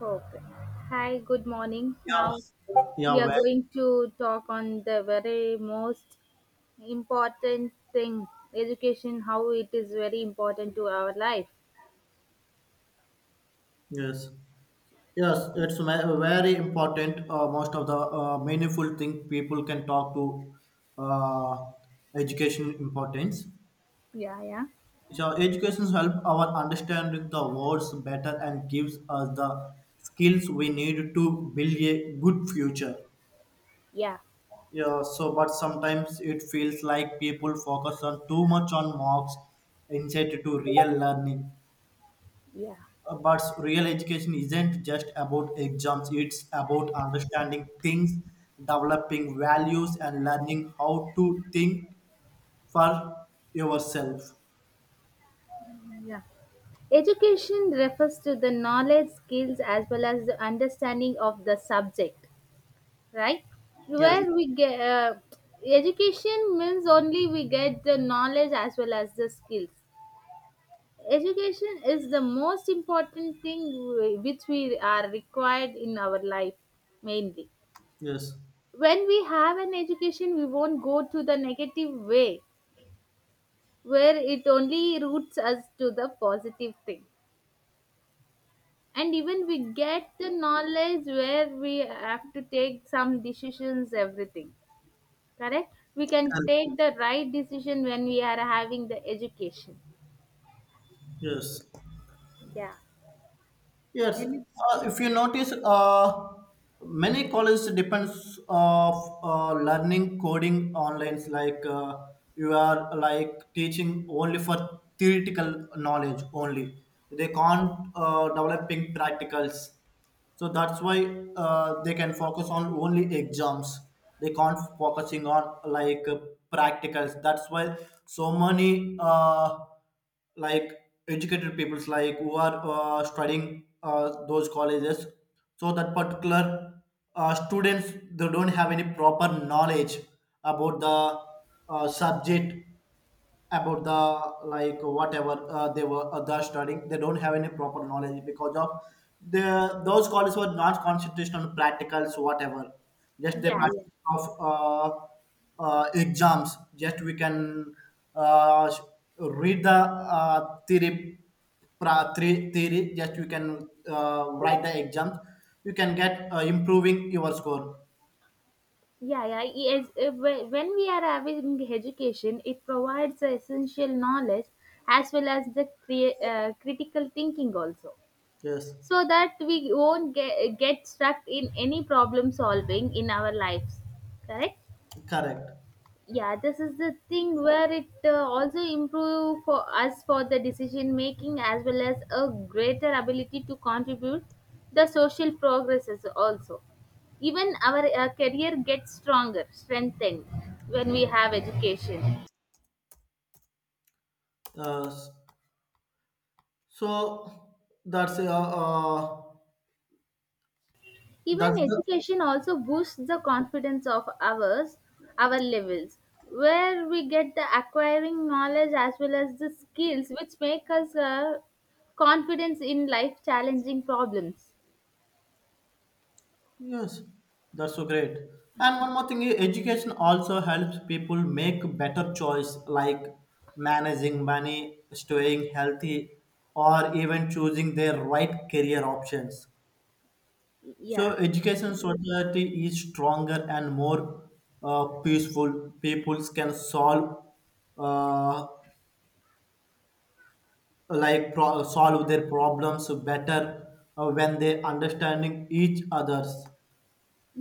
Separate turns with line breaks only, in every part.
Okay. Hi, good morning.
Yeah,
Now
yeah,
we are
well,
going to talk on the very most important thing, education, how it is very important to our life.
yes, yes, it's very important. Most of the meaningful thing people can talk to uh, education importance.
Yeah, yeah,
So education help our understanding the words better and gives us the skills we need to build a good future.
yeah,
Yeah, so but sometimes it feels like people focus on too much on marks instead to real learning.
yeah,
But real education isn't just about exams, it's about understanding things, developing values and learning how to think for yourself.
yeah, education refers to the knowledge, skills, as well as the understanding of the subject, right?
Yes,
Where we get education means only we get the knowledge as well as the skills. Education is the most important thing which we are required in our life mainly.
yes.
When we have an education, we won't go to the negative way, where it only roots us to the positive thing. And even we get the knowledge where we have to take some decisions, everything. Correct? We can take
Correct.
the right decision when we are having the education.
Yes.
Yeah.
Yes,
And
if you notice, many colleges depends of learning coding online. Like you are like teaching only for theoretical knowledge only. They can't developing practicals, so that's why they can focus on only exams, they can't focusing on like practicals, that's why so many like educated peoples like who are studying those colleges, so that particular students they don't have any proper knowledge about the subject, about the like whatever they're studying, they don't have any proper knowledge because of the those colleges were not concentrated on practicals, whatever just the
yeah, yeah,
practice of uh, exams. Just we can uh, s- read the theory, theory, just you can write the exams, you can get improving your score.
yeah, yeah. Yes, when we are having education, it provides the essential knowledge as well as the critical thinking also,
Yes,
so that we won't get stuck in any problem solving in our lives. Correct?
correct.
Yeah, this is the thing where it also improve for us for the decision making, as well as a greater ability to contribute the social progresses also. Even our career gets stronger strengthened when we have education.
Uh, So that's uh, uh
Even
that's
education also boosts the confidence of ours, our levels, where we get the acquiring knowledge as well as the skills which make us confidence in life challenging problems.
yes, that's so great. And one more thing, education also helps people make better choice, like managing money, staying healthy, or even choosing their right career options. So
Yeah,
education society is stronger and more peaceful. Peoples can solve uh, solve their problems better when they understanding each others.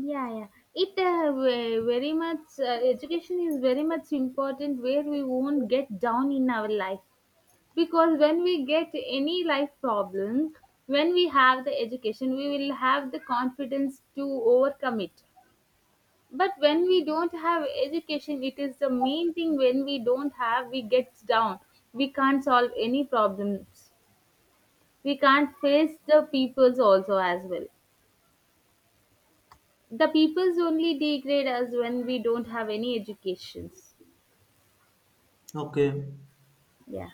yeah, yeah, it very much, education is very much important, where we won't get down in our life. Because when we get any life problems, when we have the education, we will have the confidence to overcome it. But when we don't have education, it is the main thing. When we don't have, we get down, we can't solve any problems, we can't face the peoples also as well. The peoples only degrade us when we don't have any educations.
Okay.
Yeah.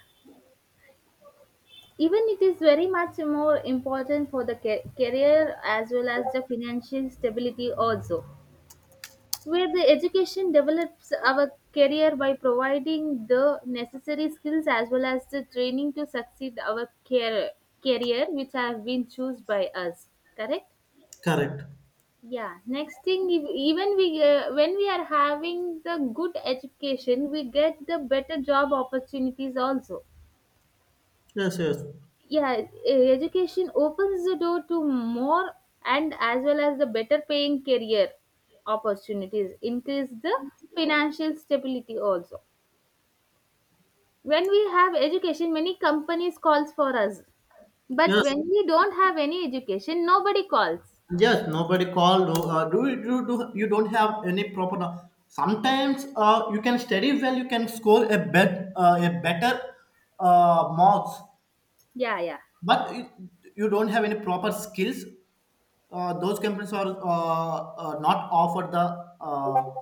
Even it is very much more important for the career, as well as the financial stability also, where the education develops our career by providing the necessary skills as well as the training to succeed our career which have been chosen by us. Correct?
Correct.
Yeah, next thing, even we when we are having the good education, we get the better job opportunities also.
Yes. Yes.
Yeah, education opens the door to more and as well as the better paying career opportunities, increase the financial stability also. When we have education, many companies calls for us, but
Yes.
when we don't have any education, nobody calls.
Yes, nobody call, do, do you don't have any proper no- sometimes you can study well, you can score a bet a better marks,
Yeah, yeah.
but it, you don't have any proper skills, those companies are not offer the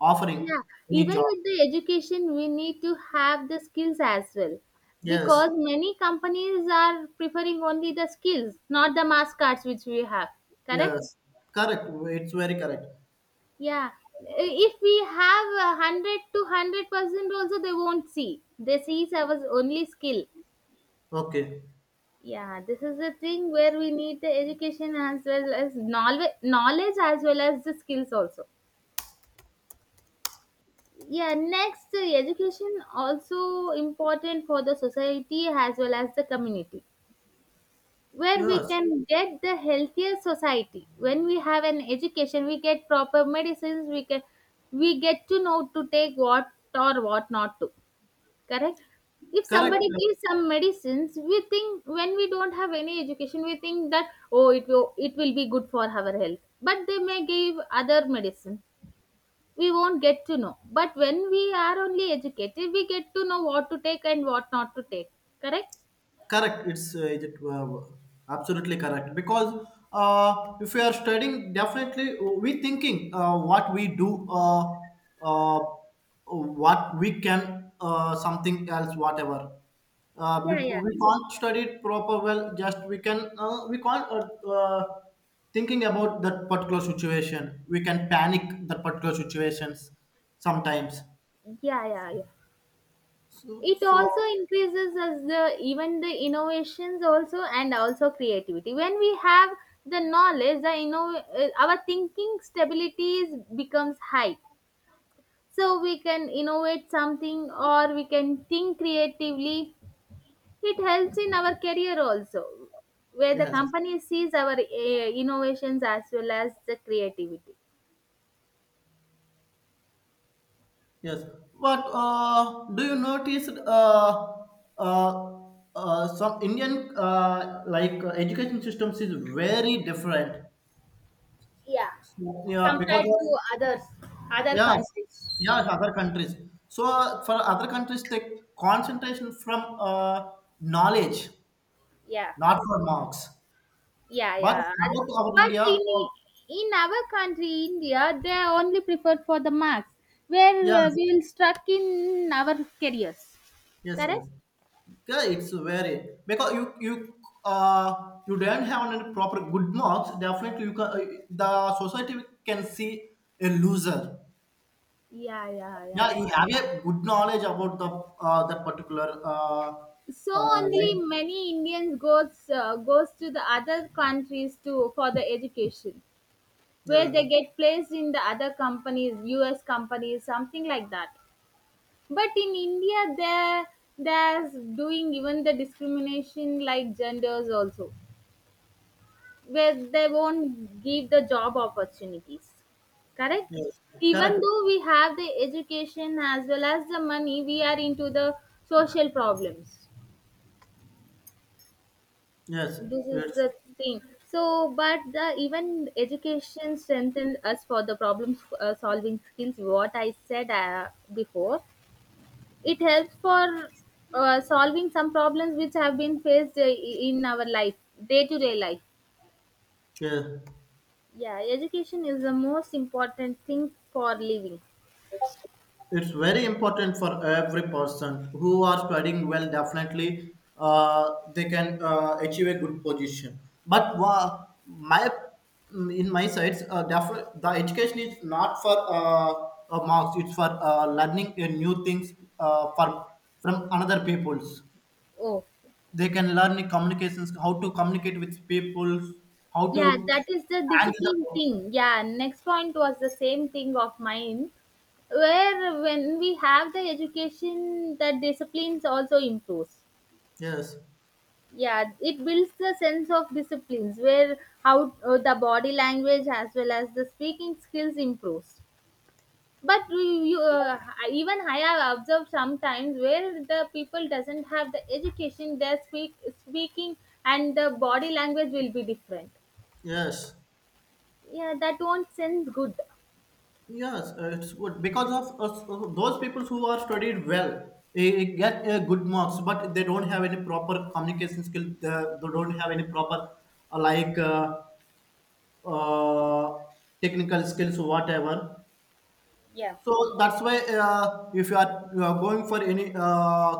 offering
Yeah,
any
even
job.
with the education, we need to have the skills as well,
Yes.
because many companies are preferring only the skills, not the mass cards which we have. Correct?
Yes, correct. It's very correct.
Yeah. If we have a 100 to 100% also, they won't see. They see it as only skill.
Okay.
Yeah, this is the thing where we need the education as well as knowledge, as well as the skills also. Yeah, next, education also important for the society as well as the community, where we
Yes,
can get the healthier society. When we have an education, we get proper medicines, we can, we get to know to take what or what not to. Correct? If
correct.
somebody gives some medicines, we think, when we don't have any education, we think that oh, it will, it will be good for our health, but they may give other medicine, we won't get to know. But when we are only educated, we get to know what to take and what not to take. Correct?
Correct. It's absolutely correct because if we are studying, definitely we thinking what we do, uh, what we can, something else, whatever.
Yeah, yeah,
We can't study it proper well. Just we can we can't thinking about that particular situation. We can panic that particular situations sometimes.
yeah, yeah, yeah.
So
It
so
also increases as the even the innovations also and also creativity. When we have the knowledge, the our thinking stability becomes high. So we can innovate something or we can think creatively. It helps in our career also, where the
Yes.
company sees our innovations as well as the creativity.
Yes. What do you notice? Uh, some Indian like education systems is very different.
Yeah,
So, yeah, because
compared to
of
others, other
yeah,
countries.
yeah, other countries. So for other countries, take concentration from knowledge,
Yeah,
not for marks.
yeah,
But
yeah,
about our
but
India,
in our country India, they only prefer for the marks, where
yes,
we will stuck in our careers.
yes,
Correct?
yes. Yeah, it's very because you you don't have any proper good marks. Definitely, you can the society can see a loser.
Yeah, yeah,
Yeah,
yeah,
you have a good knowledge about the that particular
so only
like,
many Indians goes to the other countries to for the education, where
yeah.
they get placed in the other companies, US companies, something like that. But in India, they're doing even the discrimination like genders also, where they won't give the job opportunities. Correct?
Yes,
Even
correct.
though we have the education as well as the money, we are into the social problems.
Yes.
This is
It's,
the thing. So, but the even education strengthened us for the problem solving skills, what I said before. It helps for solving some problems which have been faced in our life, day to day life.
yeah.
Yeah, education is the most important thing for living.
It's very important for every person who are studying well, definitely they can achieve a good position. But wha- my in my sides the education is not for marks, it's for learning a new things uh, from from another peoples.
Oh,
They can learn the communications, how to communicate with people, how to
yeah, that is the
handle the.
discipline thing. Yeah, next point was the same thing of mine, where when we have the education, the disciplines also improves.
Yes.
Yeah, it builds the sense of disciplines, where how the body language as well as the speaking skills improves. but you, you, uh, Even I have observed sometimes where the people doesn't have the education, their speaking and the body language will be different.
Yes.
Yeah, that won't sense good.
Yes, it's good because of us, those people who are studied well, they get good marks, but they don't have any proper communication skill. They don't have any proper uh, like uh, uh, technical skills, or whatever.
Yeah,
So that's why if you are going for any uh,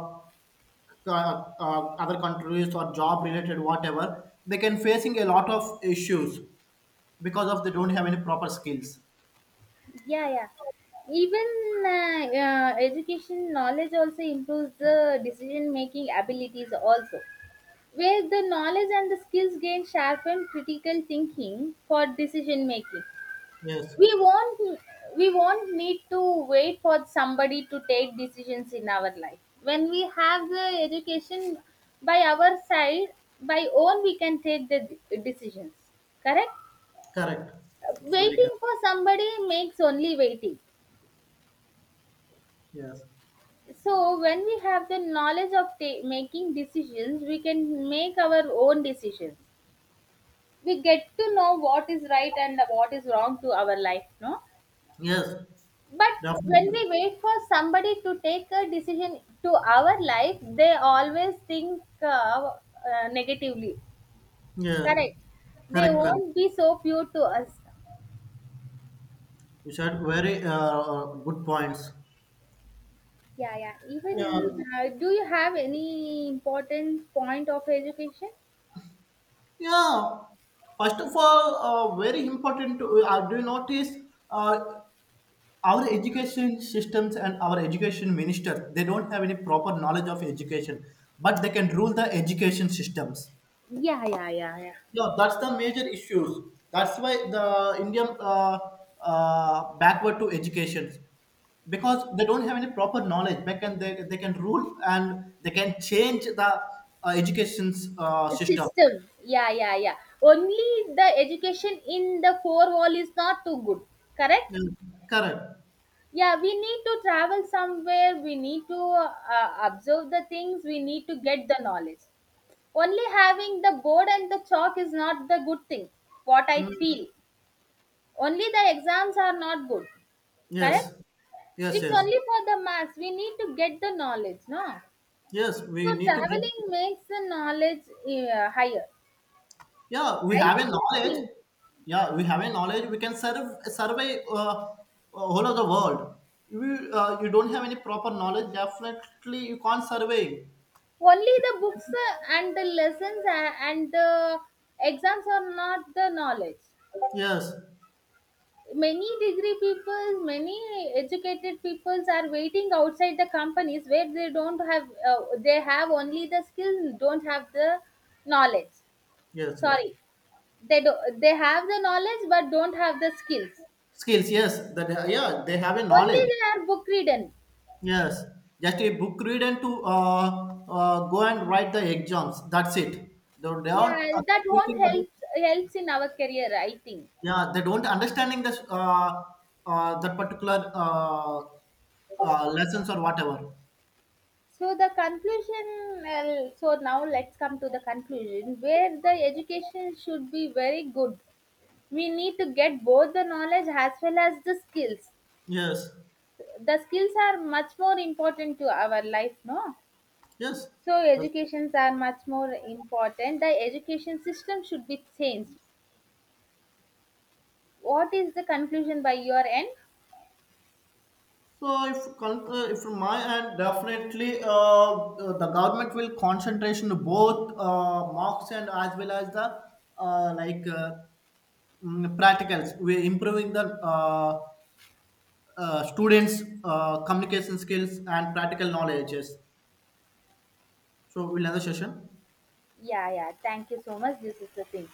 c- uh, uh, other countries or job related whatever, they can facing a lot of issues because of they don't have any proper skills.
yeah, yeah, even education knowledge also improves the decision making abilities also, where the knowledge and the skills gain sharpen critical thinking for decision making.
Yes,
we won't we won't need to wait for somebody to take decisions in our life, when we have the education by our side. By own, we can take the decisions. Correct?
correct. It's very
Waiting
correct.
for somebody makes only waiting.
Yes,
So, when we have the knowledge of making decisions, we can make our own decisions. We get to know what is right and what is wrong to our life, no?
yes,
But when
definitely.
we wait for somebody to take a decision to our life, they always think negatively.
Yeah,
Correct. They
correct, correct.
won't be so pure to us.
You said very good points.
Yeah, yeah.
Yeah,
Even do you have any important point of education?
yeah. First of all, very important. Do you notice uh, our education systems and our education minister? They don't have any proper knowledge of education, but they can rule the education systems.
Yeah, yeah, yeah, yeah.
Yeah, that's the major issues. That's why the Indian backward to education, because they don't have any proper knowledge. They can rule and they can change the education system.
System, yeah, yeah, yeah, only the education in the four wall is not too good. Correct?
Mm. Correct.
Yeah, we need to travel somewhere, we need to observe the things, we need to get the knowledge. Only having the board and the chalk is not the good thing, what I
Mm.
feel. Only the exams are not good. Correct?
Yes. Yes.
It's
Yes.
only for the maths we need to get the knowledge, no?
Yes. We
So,
need to get,
traveling makes the knowledge higher,
yeah, we
I
have a
feel the
knowledge.
thing.
Yeah, we have a knowledge, we can serve survey whole of the world. You don't have any proper knowledge, definitely you can't survey.
Only the books and the lessons and the exams are not the knowledge.
Yes.
Many degree people, many educated peoples are waiting outside the companies, where they don't have, they have only the skills, don't have the knowledge.
Yes, yes.
Sorry, they do, they have the knowledge but don't have the skills.
Skills, yes, that, yeah, they have a
Only
knowledge.
they are book ridden.
Yes, just a book read and to go and write the exams, that's it. They
Yeah,
don't
that won't
thinking about-
help, helps in our career, I think.
yeah, they don't understanding this that particular lessons or whatever.
So the conclusion, well, so now let's come to the conclusion, where the education should be very good. We need to get both the knowledge as well as the skills.
Yes,
The skills are much more important to our life, no?
yes.
So
The-
educations are much more important. The education system should be changed. What is the conclusion by your end?
So if if from my end, definitely the government will concentration to both mocks and as well as the uh, like uh, practicals. We're improving the students' communication skills and practical knowledges. So we'll end the session.
Yeah, yeah. Thank you so much. This is the thing.